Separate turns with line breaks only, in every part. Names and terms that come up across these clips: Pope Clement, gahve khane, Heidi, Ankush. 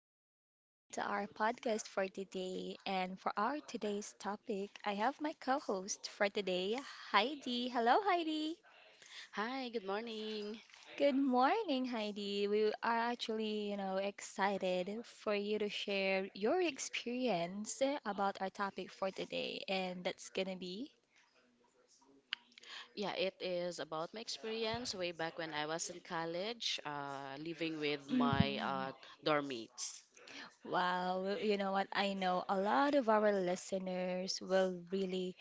welcome again to our podcast for today. And for our today's topic, I have my co host for today, Heidi. Hello, Heidi.
Hi, good morning.
Good morning, Heidi. We are actually, you know, excited for you to share your experience about our topic for today, and that's gonna be
Yeah, it is about my experience way back when I was in college, living with my
hmm.
dorm mates.
Wow, well, you know what? I know a lot of our listeners will really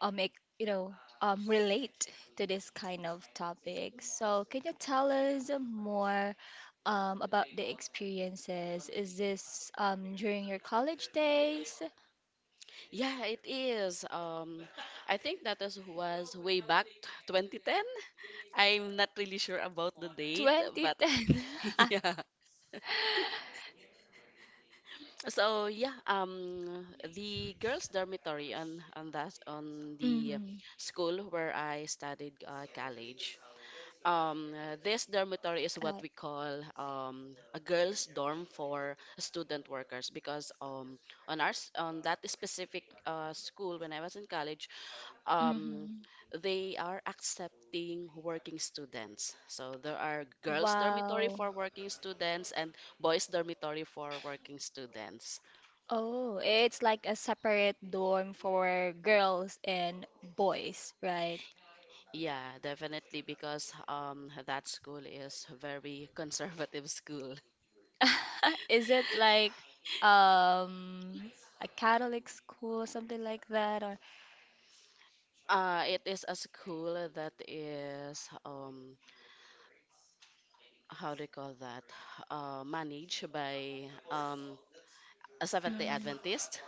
make you know relate to this kind of topic. So can you tell us more about the experiences? Is this during your college days?
Yeah, it is. I think was way back 2010. I'm not really sure about the date, but
2010.
yeah. So yeah, the girls' dormitory on the
Mm-hmm.
school where I studied college. This dormitory is what
Right.
we call a girls' dorm for student workers because on that specific school when I was in college, um,
Mm-hmm.
they are accepting working students. So there are girls' dormitory
Wow.
for working students and boys' dormitory for working students.
Oh, it's like a separate dorm for girls and boys, right?
Yeah, definitely, because that school is a very conservative school.
Is it like um a Catholic school or something like that, or
It is a school that is how do you call that? Managed by a Seventh-day
Mm,
Adventist,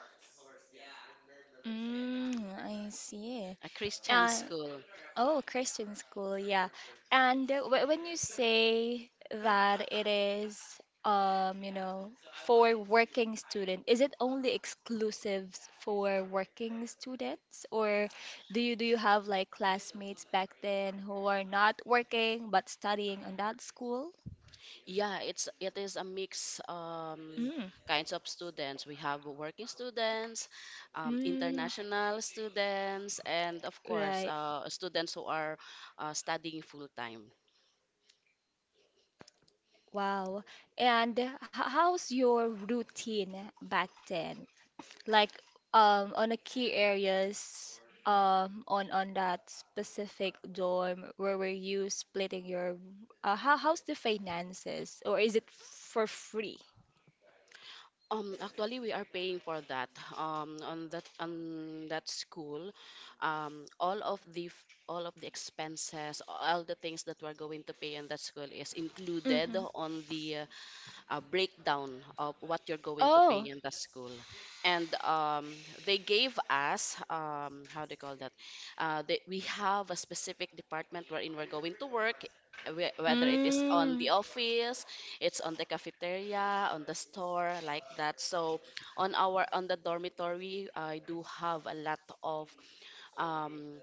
mm, I see.
a Christian
And
school.
oh, Christian school, yeah. And when you say that it is, you know, for working student, is it only exclusives for working students, or do you have like classmates back then who are not working but studying on that school?
Yeah, it is a mix
Mm.
kinds of students. We have working students,
Mm,
international students, and of course,
right.
students who are studying full time.
Wow. And how's your routine back then? Like on the key areas on that specific dorm where were you splitting your how how's the finances, or is it for free?
Actually, we are paying for that. On that school, all of the expenses, all the things that we're going to pay in that school is included
Mm-hmm.
on the a breakdown of what you're going to pay
Oh.
in the school. And they gave us, how do you call that? We have a specific department wherein we're going to work, whether it is on
Mm.
the office, it's on the cafeteria, on the store, like that. So on the dormitory, I do have a lot of um,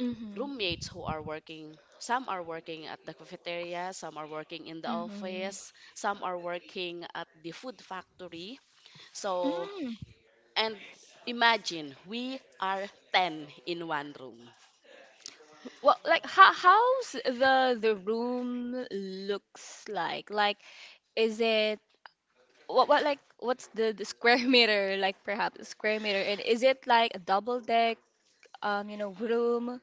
Mm-hmm.
roommates who are working. Some are working at the cafeteria, some are working in the
Mm-hmm.
office, some are working at the food factory. so
Mm.
and imagine we are 10 in one room.
Well, like how how's the room looks like? Like is it what like what's the square meter like perhaps a square meter, and is it like a double deck you know room?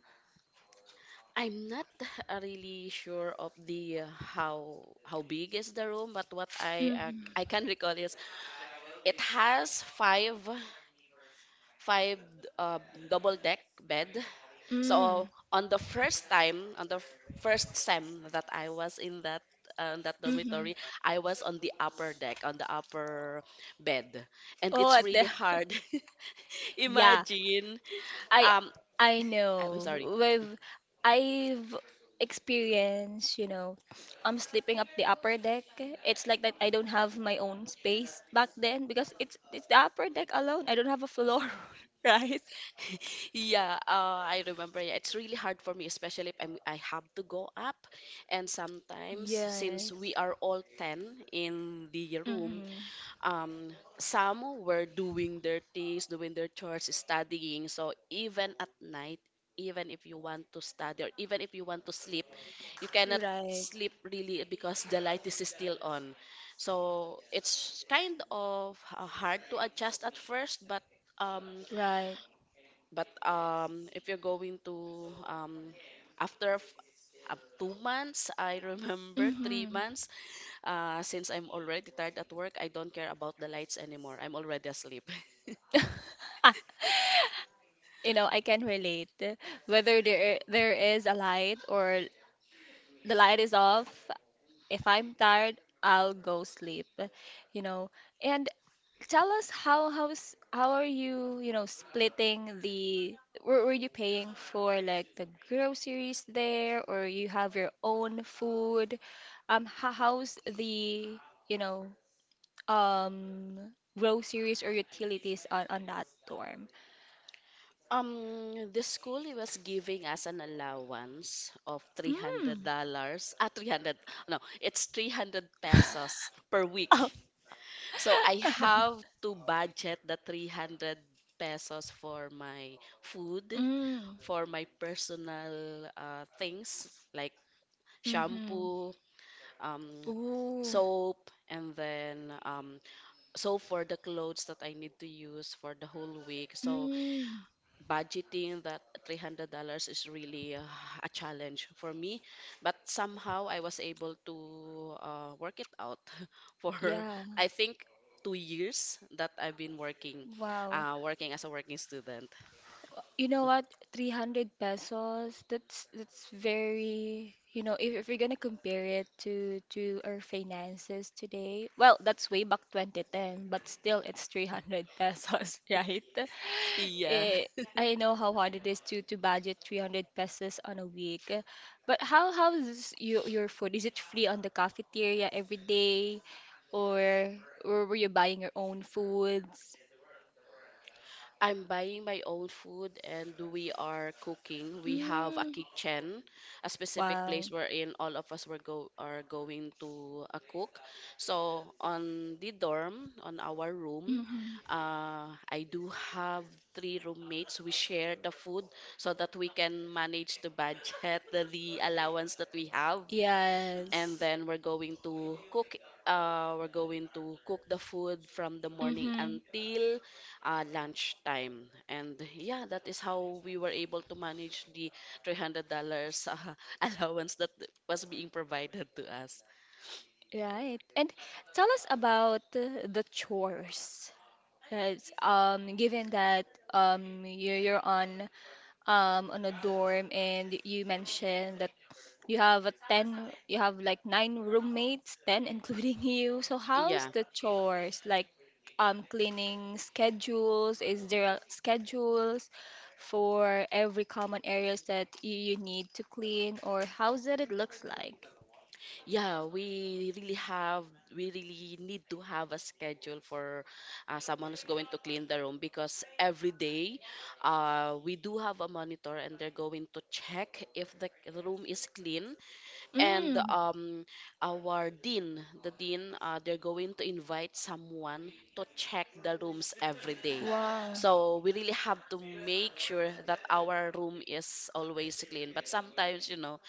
I'm not really sure of the how big is the room, but what I
Mm-hmm.
can recall is it has five uh, double deck bed. So
Mm,
on the first time, first sem that I was in that dormitory,
mm-hmm.
I was on the upper deck, on the upper bed, and
Oh,
it's
what the
really hard.
yeah,
Imagine,
I
um,
I
I'm
know.
sorry.
We've I've experienced, you know, I'm sleeping up the upper deck. It's like that I don't have my own space back then because it's the upper deck alone. I don't have a floor, right?
Yeah, I remember. Yeah, it's really hard for me, especially if I'm, I have to go up, and sometimes since
Yes.
we are all 10 in the room,
Mm-hmm.
some were doing their things, doing their chores, studying. So even at night, even if you want to study or even if you want to sleep, you cannot
Right.
sleep really because the light is still on. So it's kind of hard to adjust at first, um,
Right.
but if you're going to after 2 months, I remember three
Hmm.
months, since I'm already tired at work, I don't care about the lights anymore. I'm already asleep.
You know, I can relate. Whether there is a light or the light is off, if I'm tired, I'll go sleep. You know, and tell us how how's how are you, you know, splitting the were you paying for like the groceries there, or you have your own food? How, how's the, you know, um groceries or utilities on that dorm?
The school was giving us an allowance of three hundred
Mm.
dollars. Ah, 300. No, it's 300 pesos per week.
Oh.
So I have to budget the 300 pesos for my food,
Mm.
for my personal things like
Mm-hmm.
shampoo, um,
Ooh.
soap, and then for the clothes that I need to use for the whole week, so
Mm.
budgeting that $300 is really a challenge for me. But somehow I was able to work it out for
Yeah.
I think 2 years that I've been working,
Wow.
as a working student.
You know what? 300 pesos. That's very, you know, if we're gonna compare it to our finances today, well, that's way back 2010, but still it's 300 pesos, right?
Yeah.
Eh, I know how hard it is to budget 300 pesos on a week. But how how's your food? Is it free on the cafeteria every day, or or were you buying your own foods?
I'm buying my own food and we are cooking. We have a
Mm,
kitchen, a specific
wow.
place wherein all of us were go are going to cook. So on the dorm, on our room,
Hmm.
I do have three roommates. We share the food so that we can manage the budget, the allowance that we have, and
Yes.
then we're going to cook the food from the morning
Mm-hmm.
until lunchtime. And yeah, that is how we were able to manage the $300 uh, allowance that was being provided to us.
Right. And tell us about the chores. Right. Given that you you're on a dorm, and you mentioned that you have a 10 you have like nine roommates 10 including you, so how's
Yeah,
the chores like cleaning schedules, schedules for every common areas that you need to clean, or how's that it looks like
yeah, we really need to have a schedule for someone who's going to clean the room because every day we do have a monitor, and they're going to check if the room is clean. And
mm
the dean, they're going to invite someone to check the rooms every day.
wow
So we really have to make sure that our room is always clean. But sometimes,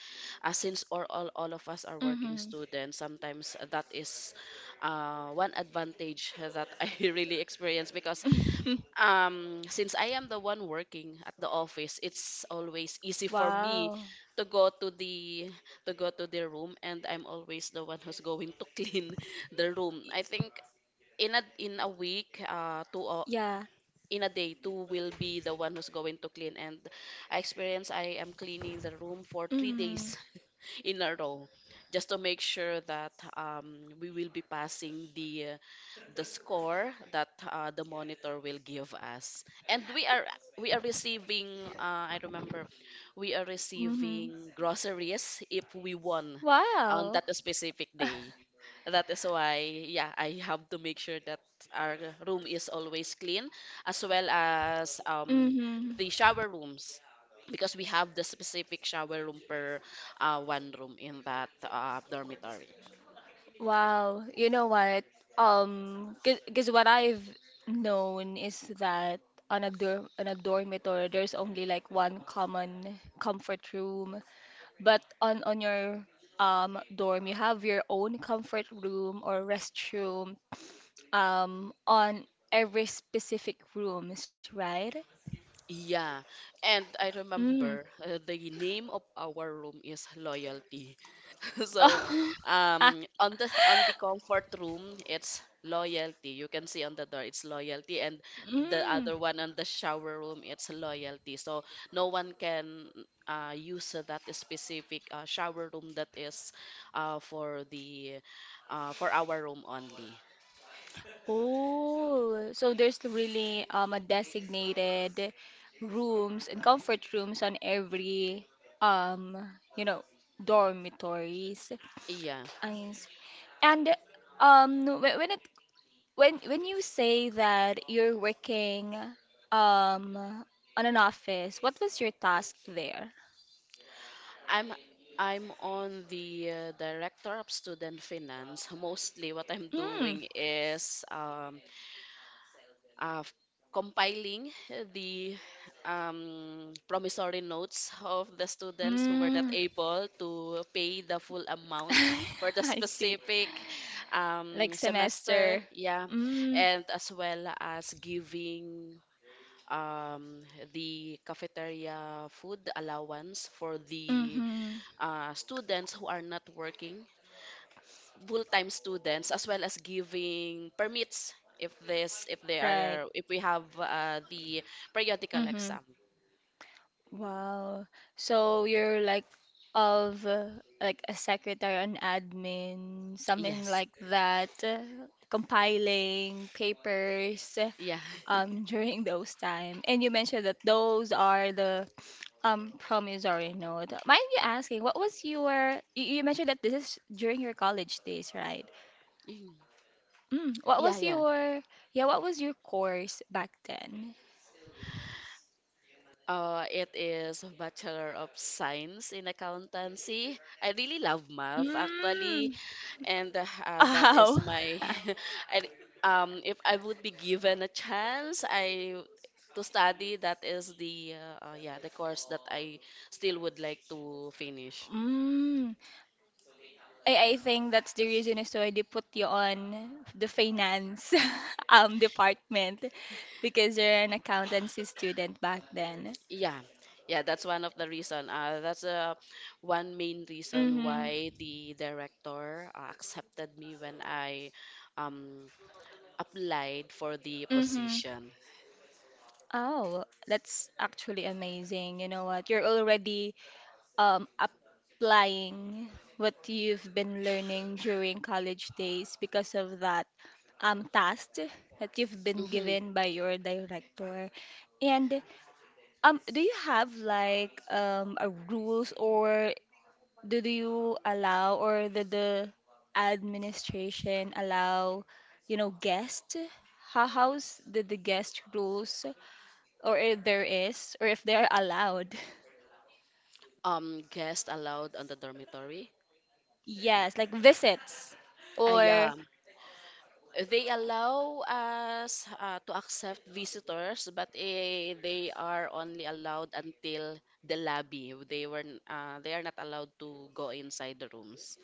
since or all of us are working
mm-hmm
students, sometimes that is one advantage that I really experience because since I am the one working at the office, it's always easy for me
wow
to go to the to go to the room, and I'm always the one who's going to clean the room.
Y-
I think in a week,
yeah
in a day, two will be the one who's going to clean. And I experience I am cleaning the room for three
mm-hmm
days in a row, just to make sure that we will be passing the score that the monitor will give us. And we are receiving I remember we are
mm-hmm
receiving groceries if we won on
wow
that specific day. That is why, yeah, I have to make sure that our room is always clean, as well as
mm-hmm.
the shower rooms, because we have the specific shower room per one room in that dormitory.
Wow, you know what? Because what I've known is that on a dorm on a dormitory, there's only like one common comfort room, but on your dorm, you have your own comfort room or restroom on every specific rooms, right?
Yeah, and I
Mm.
remember the name of our room is Loyalty. So,
Oh, ah,
um, on the comfort room, it's Loyalty. You can see on the door, it's Loyalty, and the
mm.
other one on the shower room, it's Loyalty. So no one can use that specific shower room that is uh, for the for our room only.
Oh, so there's really a designated rooms and comfort rooms on every um you know dormitories.
Yeah,
I see. And when it when you say that you're working um on an office, what was your task there?
I'm I'm on the director of student finance. Mostly, what I'm
Mm.
doing is uh, f- compiling the promissory notes of the students who were not
Mm.
able to pay the full amount for the
I see.
specific
Like
semester.
semester.
Yeah,
Mm.
and as well as giving um, the cafeteria food allowance for the
Mm-hmm.
students who are not working, full-time students, as well as giving permits if this if they
Right.
are if we have the periodical
Mm-hmm.
exam.
Wow. So you're like of like a secretary, an admin, something
Yes.
like that, compiling papers
Yeah.
during those time. And you mentioned that those are the promissory note. Mind you asking, what was your you, you mentioned that this is during your college days, right?
Mm.
Mm, what
Yeah,
was
yeah.
your yeah, what was your course back then?
It is Bachelor of Science in Accountancy. I really love math, actually,
Mm.
and that is
Oh.
my. I if I would be given a chance, I to study, that is the course that I still would like to finish.
Mm. I think that's the reason is why they put you on the finance department because you're an accountancy student back then.
Yeah, yeah, that's one of the reason. That's one main reason
Mm-hmm.
why the director accepted me when I um, applied for the
Mm-hmm.
position.
Oh, that's actually amazing. You know what? You're already applying what you've been learning during college days because of that task that you've been
hmm
given by your director. And do you have like a rules, or do you allow or the administration allow, you know, guests? How how's the guest rules or if there is or if they're allowed?
Guests allowed on the dormitory?
Yes, like visits
Ah,
or
yeah. They allow us to accept visitors, but they are only allowed until the lobby. They are not allowed to go inside the rooms.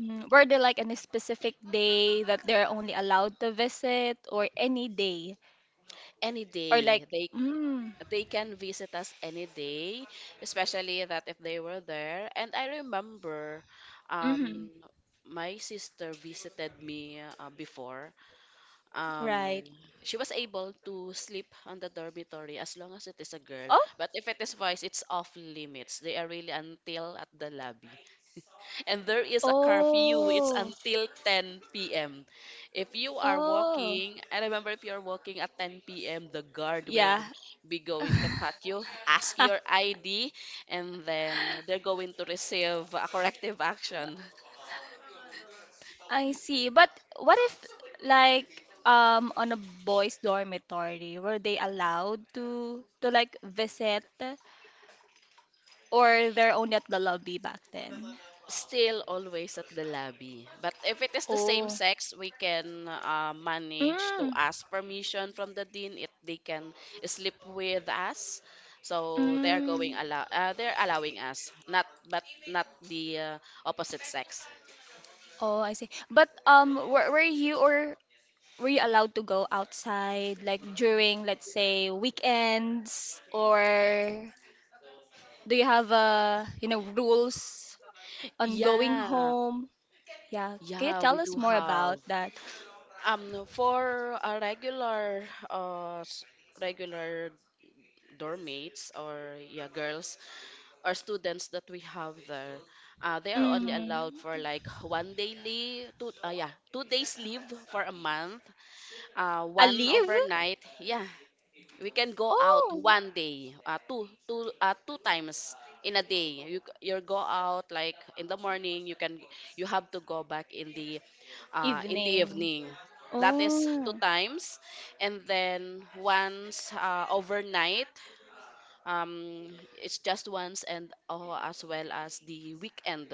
mm, were there like any specific day that they're only allowed to visit or any day
Any
or like
day they
mm,
they can visit us any day, especially that if they were there. And I remember,
mm-hmm,
um, my sister visited me before um
right.
she was able to sleep on the dormitory as long as it is a girl.
Oh,
But if it is boys, it's off limits. They are really until at the lobby. And there is a curfew. It's
oh.
until 10 p.m. if you are
Oh,
walking I remember if you're walking at 10 p.m., the guard will
yeah.
be going to cut you, ask your ID, and then they're going to receive a corrective action.
I see. But what if like on a boys dormitory were they allowed to like visit, or they're only at the lobby back then?
Still always at the lobby. But if it is the same
Oh.
sex, we can manage to
Mm.
ask permission from the dean if they can sleep with us. So they are going
Mm.
allow uh, they're allowing us, not but not the opposite sex.
Oh, I see. But were you or were you allowed to go outside like during, let's say, weekends, or do you have you know rules on going
Yeah,
home? Yeah, can you
yeah, we
tell us
do
more about
have.
that?
For a regular, uh, s- regular dorm mates, or yeah, girls, or students that we have there, they are only allowed for
Mm-hmm.
like one day leave, 2 days leave for a month, one
Alive?
overnight. Yeah, we can go out
Oh,
one day, two times in a day. You go out like in the morning, you have to go back in the
evening.
evening. That is two
Oh,
times, and then once overnight. um it's just once. And oh, as well as the weekend.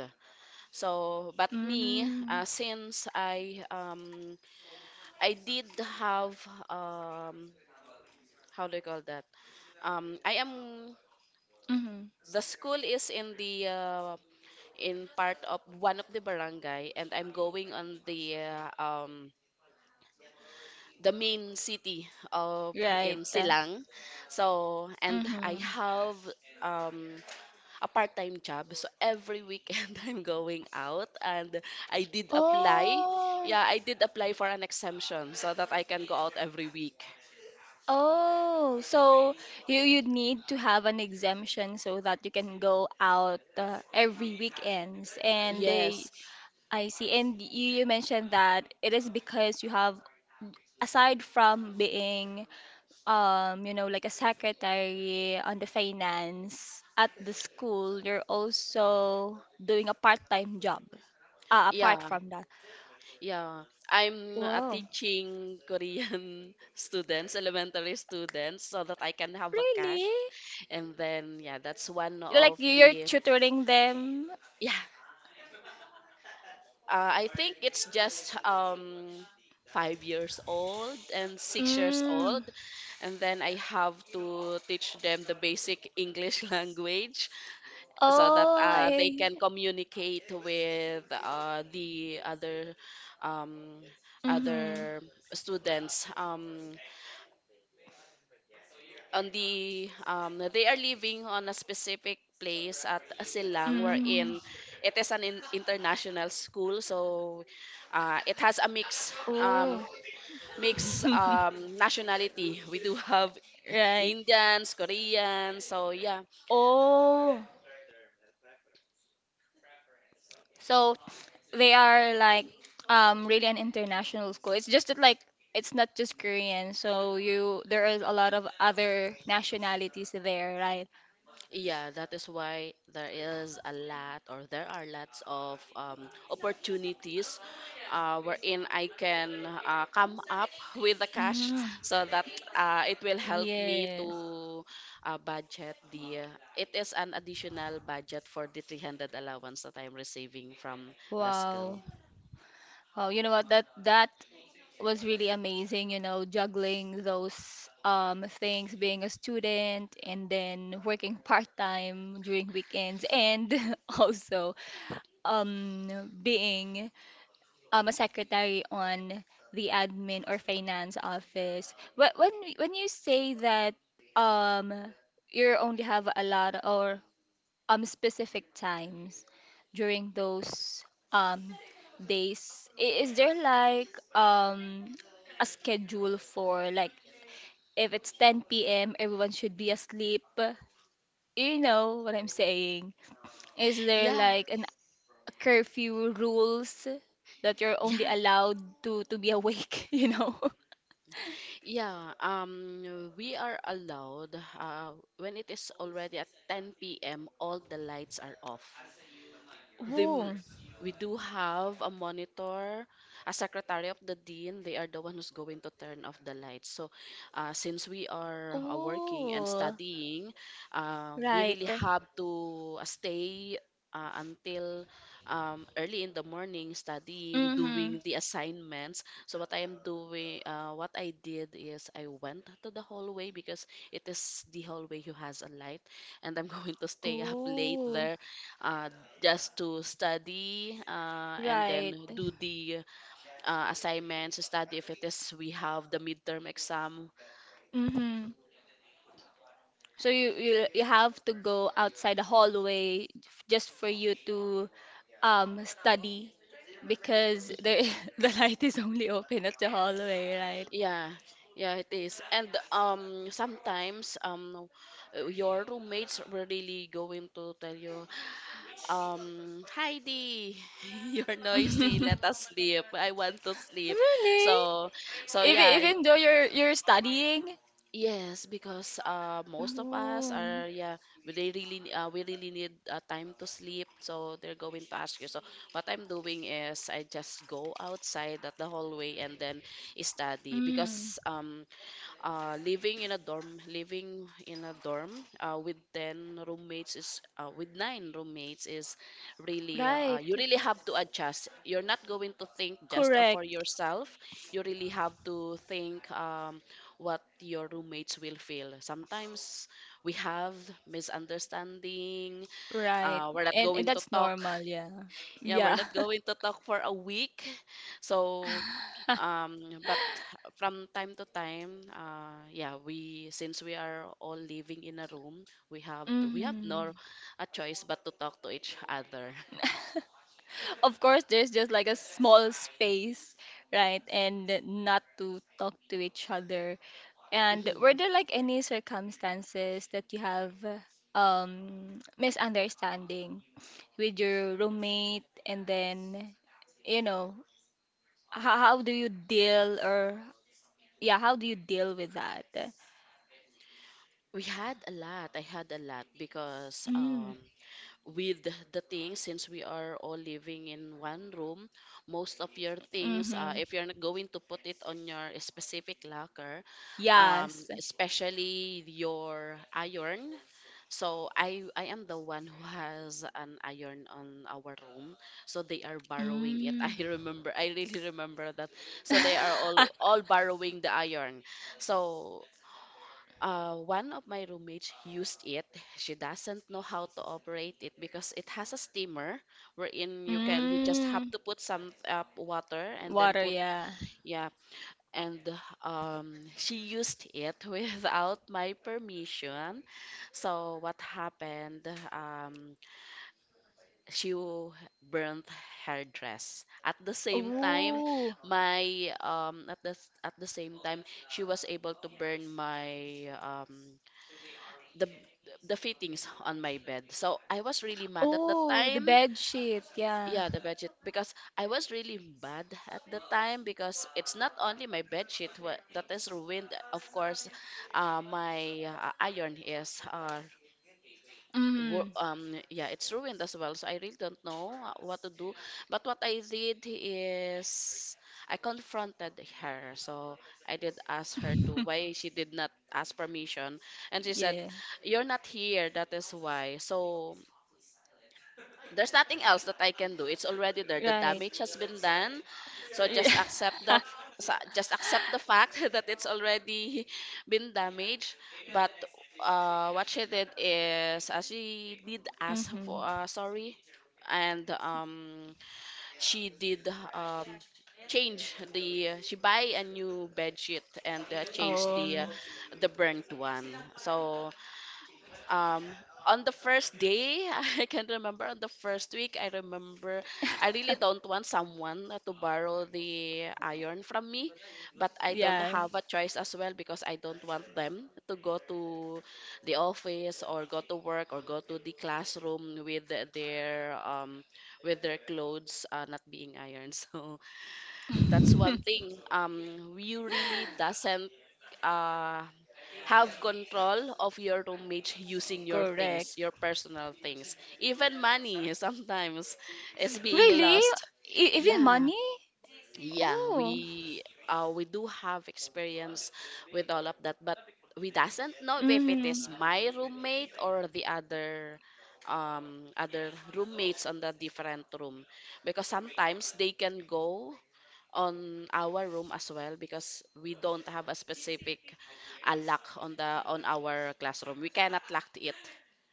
So but me,
mm-hmm.
since I I did have um how do you call that? I am
Mm-hmm.
The school is in the in part of one of the barangay, and I'm going on the main city of
Right.
in Silang. And I
Mm-hmm.
have um a part-time job. So every weekend I'm going out. And I did apply.
Oh,
Yeah, I did apply for an exemption so that I can go out every week.
oh. So you need to have an exemption so that you can go out every weekends. And they,
Yes.
I see. And you mentioned that it is because you have, aside from being you know, like a secretary on the finance at the school, you're also doing a part-time job apart
Yeah.
from that.
Yeah. I'm
Wow,
teaching Korean students, elementary students, so that I can have a
really?
cash. And then, yeah, that's one
Like
of
you're
the,
tutoring them?
yeah, I think it's just 5 years old and 6 years
Mm.
old, and then I have to teach them the basic English language so that
Oh,
they
I.
can communicate with the other um,
Mm-hmm.
other students. On the, they are living on a specific place at Silang,
Mm.
wherein it is an international school, so it has a um
Oh.
mix um nationality. We do have
Right.
Indians, Koreans, so yeah.
Oh. So they are like really an international school. It's just that like it's not just Korean. So you there is a lot of other nationalities there, right?
Yeah, that is why there is a lot, or there are lots of opportunities wherein I can come up with the cash,
Mm,
so that it will help me
yes.
to budget the. It is an additional budget for the 300 allowance that I'm receiving from the
Wow.
school.
Wow. You know what? That that was really amazing. You know, juggling those things, being a student, and then working part time during weekends, and also being a secretary on the admin or finance office. When you say that um you only have a lot or specific times during those um days, is there like a schedule for like if it's 10 p.m. everyone should be asleep? You know what I'm saying? Is there
Yeah,
like an curfew rules that you're only
yeah,
allowed to be awake, you know.
yeah. We are allowed when it is already at 10 p.m. All the lights are off. the m-
Oh,
we do have a monitor, a secretary of the dean. They are the one who's going to turn off the lights. So, since we are working and
Oh,
studying, we
right.
really have to stay until early in the morning, studying,
Mm-hmm.
doing the assignments. So, what I am doing, what I did is I went to the hallway, because it is the hallway who has a light, and I'm going to stay up late
Oh,
there, uh, just to study and then
right.
do the assignments, study if it is we have the midterm exam.
Mm-hmm. So you have to go outside the hallway just for you to study because the the light is only open at the hallway, right?
Yeah, yeah, it is. And sometimes, your roommates were really going to tell you, Heidi, you're noisy. Let us sleep. I want to sleep.
Really?
So, so,
Even
yeah.
even though you're studying?
Yes, because most of us
Oh.
are yeah, we they really we really need time to sleep, so they're going to ask you. So what I'm doing is I just go outside at the hallway and then study,
Mm.
because living in a dorm with 10 roommates is, with nine roommates, is really,
Right.
you really have to adjust. You're not going to think just of for
Correct.
yourself, you really have to think, what your roommates will feel. Sometimes we have misunderstanding,
Right.
we're not
And
going to
that's
talk,
normal, yeah.
yeah, we're
Yeah.
not going to talk for a week. So, but from time to time, yeah, we, since we are all living in a room, we have, we have
Hmm.
no a choice but to talk to each other.
Of course, there's just like a small space, right? And not to talk to each other. And
Mhm.
were there like any circumstances that you have misunderstanding with your roommate, and then you know how do you deal or yeah, how do you deal with that?
We had a lot. I had a lot because,
Mm.
with the things, since we are all living in one room, most of your things,
Mm-hmm.
if you're not going to put it on your specific locker,
Yes.
especially your iron. So I am the one who has an iron on our room, so they are borrowing it. I
Mm.
remember, I really remember that. So they are all all borrowing the iron. So one of my roommates used it. She doesn't know how to operate it because it has a steamer, wherein you can, you just have
Mm.
to put some water and then
Water,
put,
yeah.
yeah. And she used it without my permission. So what happened? Um, she w- Burnt her dress. At the same time,
Oh.
my at the s- at the same time she was able to burn my the the fittings on my bed. So I was really mad at the
Oh, the
time.
bed sheet. Yeah.
Yeah, the bed sheet, because I was really mad at the time because it's not only my bed sheet that is ruined. Of course, my iron is, uh,
Mm.
wo- um yeah, it's ruined as well. So I really don't know what to do, but what I did is I confronted her. So I did ask her to why she did not ask permission, and she said
Yeah.
you're not here, that is why. So there's nothing else that I can do. It's already there. The
Right.
damage has been done. So just accept the just accept the fact that it's already been damaged. But what she did is, she did ask for
Mm-hmm.
sorry, and she did, um, change the, she buy a new bed sheet and change the,
Um.
the burnt one. So um on the first day, I can remember, on the first week I remember, I really don't want someone to borrow the iron from me, but I don't
Yeah.
have a choice as well because I don't want them to go to the office or go to work or go to the classroom with their with their clothes, not being ironed. So that's one thing, you really doesn't uh have control of your roommates using your things,
Correct.
your personal things. Even money sometimes is being
Really?
lost.
Even
Yeah.
money?
Yeah,
Oh.
we, we do have experience with all of that, but we doesn't know if it
Mm.
is my roommate or the other other roommates on the different room, because sometimes they can go on our room as well because we don't have a specific lock on the, on our classroom. We cannot lock it.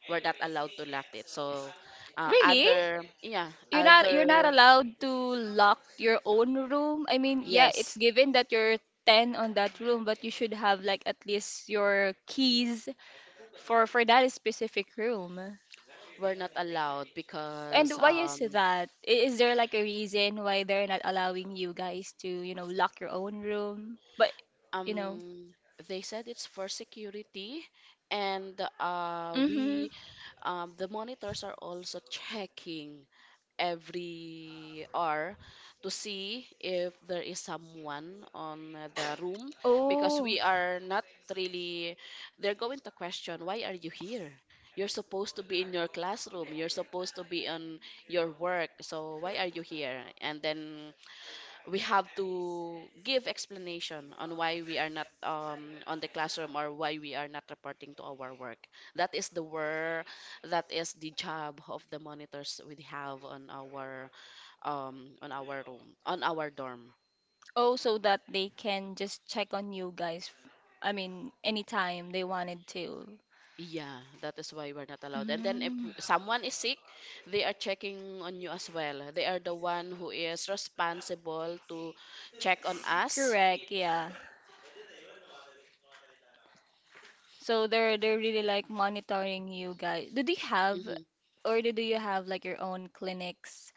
We're not allowed to lock it. So uh,
Really?
other yeah
You're not you're
other,
not allowed to lock your own room. I mean, yeah, it's
yes,
given that you're 10 on that room, but you should have like at least your keys for that specific room.
we're not allowed because,
And why is
um
that? Is there like a reason why they're not allowing you guys to, you know, lock your own room? But, you know,
um they said it's for security, and
mm-hmm.
we, the monitors are also checking every hour to see if there is someone on the room, because
Oh,
we are not really, they're going to question why are you here, you're supposed to be in your classroom, you're supposed to be on your work, so why are you here. And then we have to give explanation on why we are not on the classroom or why we are not reporting to our work. That is the work, that is the job of the monitors we have on our, on our room, on our dorm.
oh, so that they can just check on you guys. I mean, anytime they wanted to.
Yeah, that is why we're not allowed. And then if
Mm,
someone is sick, they are checking on you as well. They are the one who is responsible to check on us.
correct, yeah. So they're really like monitoring you guys. Do they have
Hmm.
or do you have like your own clinics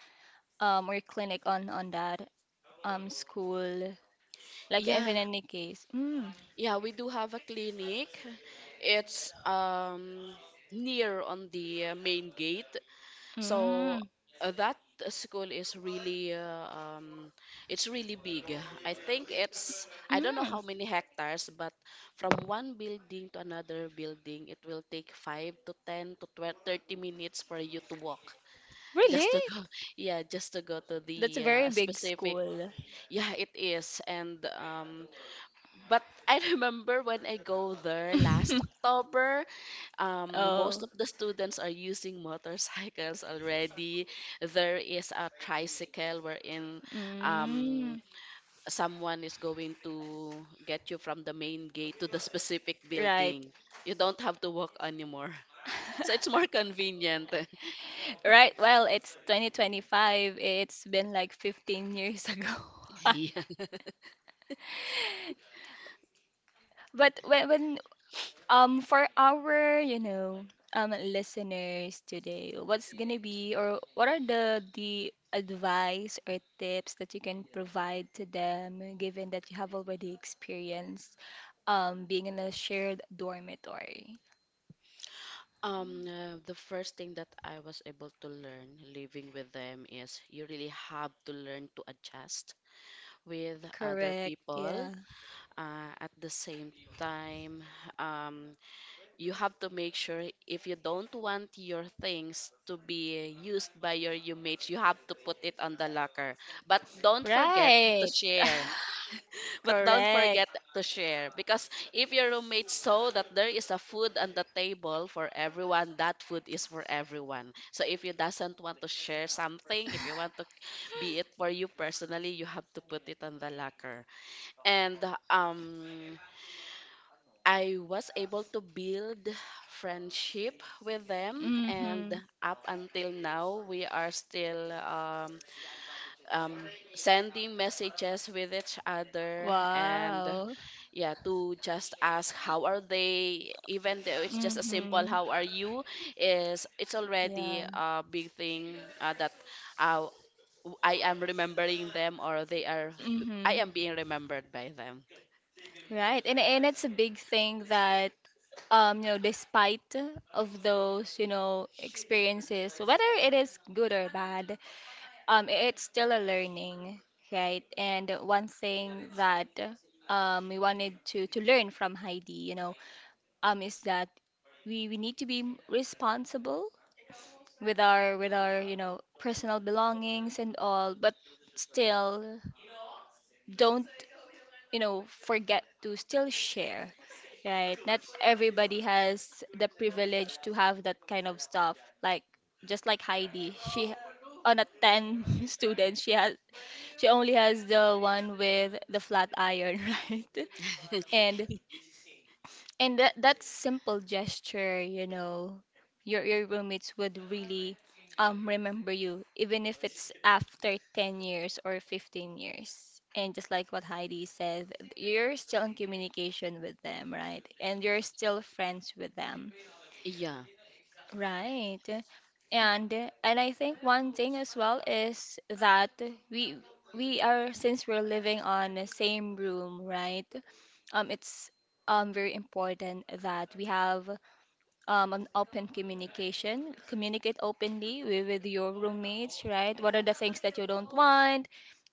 or clinic on that school? Like if in
Yeah,
any case. Mm,
yeah, we do have a clinic. It's near on the main gate. So
mm,
that school is really, uh, it's really big. I think it's, I don't know
mm.
how many hectares, but from one building to another building, it will take 5 to 10 to 12, 30 minutes for you to walk
Really?
just to go. Yeah, just to go to
That's a
the
very big
specific.
school.
Yeah, it is. And but I remember when I go there last October, most
Oh.
of the students are using motorcycles already. There is a tricycle wherein, um,
Mm,
someone is going to get you from the main gate to the specific
right.
building. You don't have to walk anymore. So it's more convenient.
Right. Well, it's 2025. It's been like 15 years ago.
Yeah.
But when for our, you know, listeners today, what's gonna be or what are the advice or tips that you can provide to them, given that you have already experienced being in a shared dormitory?
The first thing that I was able to learn living with them is you really have to learn to adjust with other
Correct.
people.
Yeah.
At the same time, um, you have to make sure if you don't want your things to be used by your mates, you have to put it on the locker. But don't forget to
Right.
share. But don't
Correct.
forget to share, because if your roommates saw that there is a food on the table for everyone, that food is for everyone. So if you doesn't want to share something, if you want to be it for you personally, you have to put it on the locker. And um I was able to build friendship with them, and
Mm-hmm.
up until now we are still, sending messages with each other, and
Wow.
yeah, to just ask how are they, even though it's just a simple
Mm-hmm.
how are you, is, it's already
Yeah.
a big thing, that, uh, I am remembering them, or they are,
Mm-hmm.
I am being remembered by them.
Right. And it's a big thing that you know, despite of those, you know, experiences, whether it is good or bad, it's still a learning, right? And one thing that we wanted to learn from Heidi, you know, is that we need to be responsible with our, you know, personal belongings and all, but still don't you know forget to still share, right? Not everybody has the privilege to have that kind of stuff, like just like Heidi, she on a 10 students she has she only has the one with the flat iron, right? and and that that simple gesture, you know, your roommates would really remember you, even if it's after 10 years or 15 years. And just like what Heidi said, you're still in communication with them, right? And you're still friends with them,
Yeah.
right? And and I think one thing as well is that we we are since we're living on the same room, right? It's very important that we have an open communication. Communicate openly with your roommates, right? What are the things that you don't want?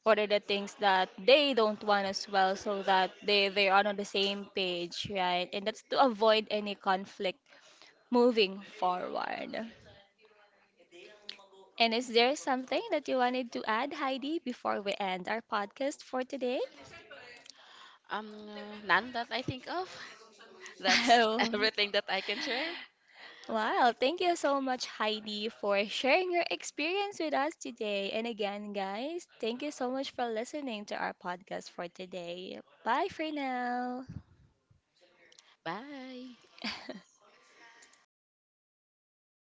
What are the things that they don't want as well, so that they are on the same page, right? And that's to avoid any conflict moving forward. And is there something that you wanted to add, Heidi, before we end our podcast for today?
Um, none that I think of. That's
Oh.
everything that I can share.
Wow, thank you so much, Heidi, for sharing your experience with us today. And again, guys, thank you so much for listening to our podcast for today. Bye for now.
Bye.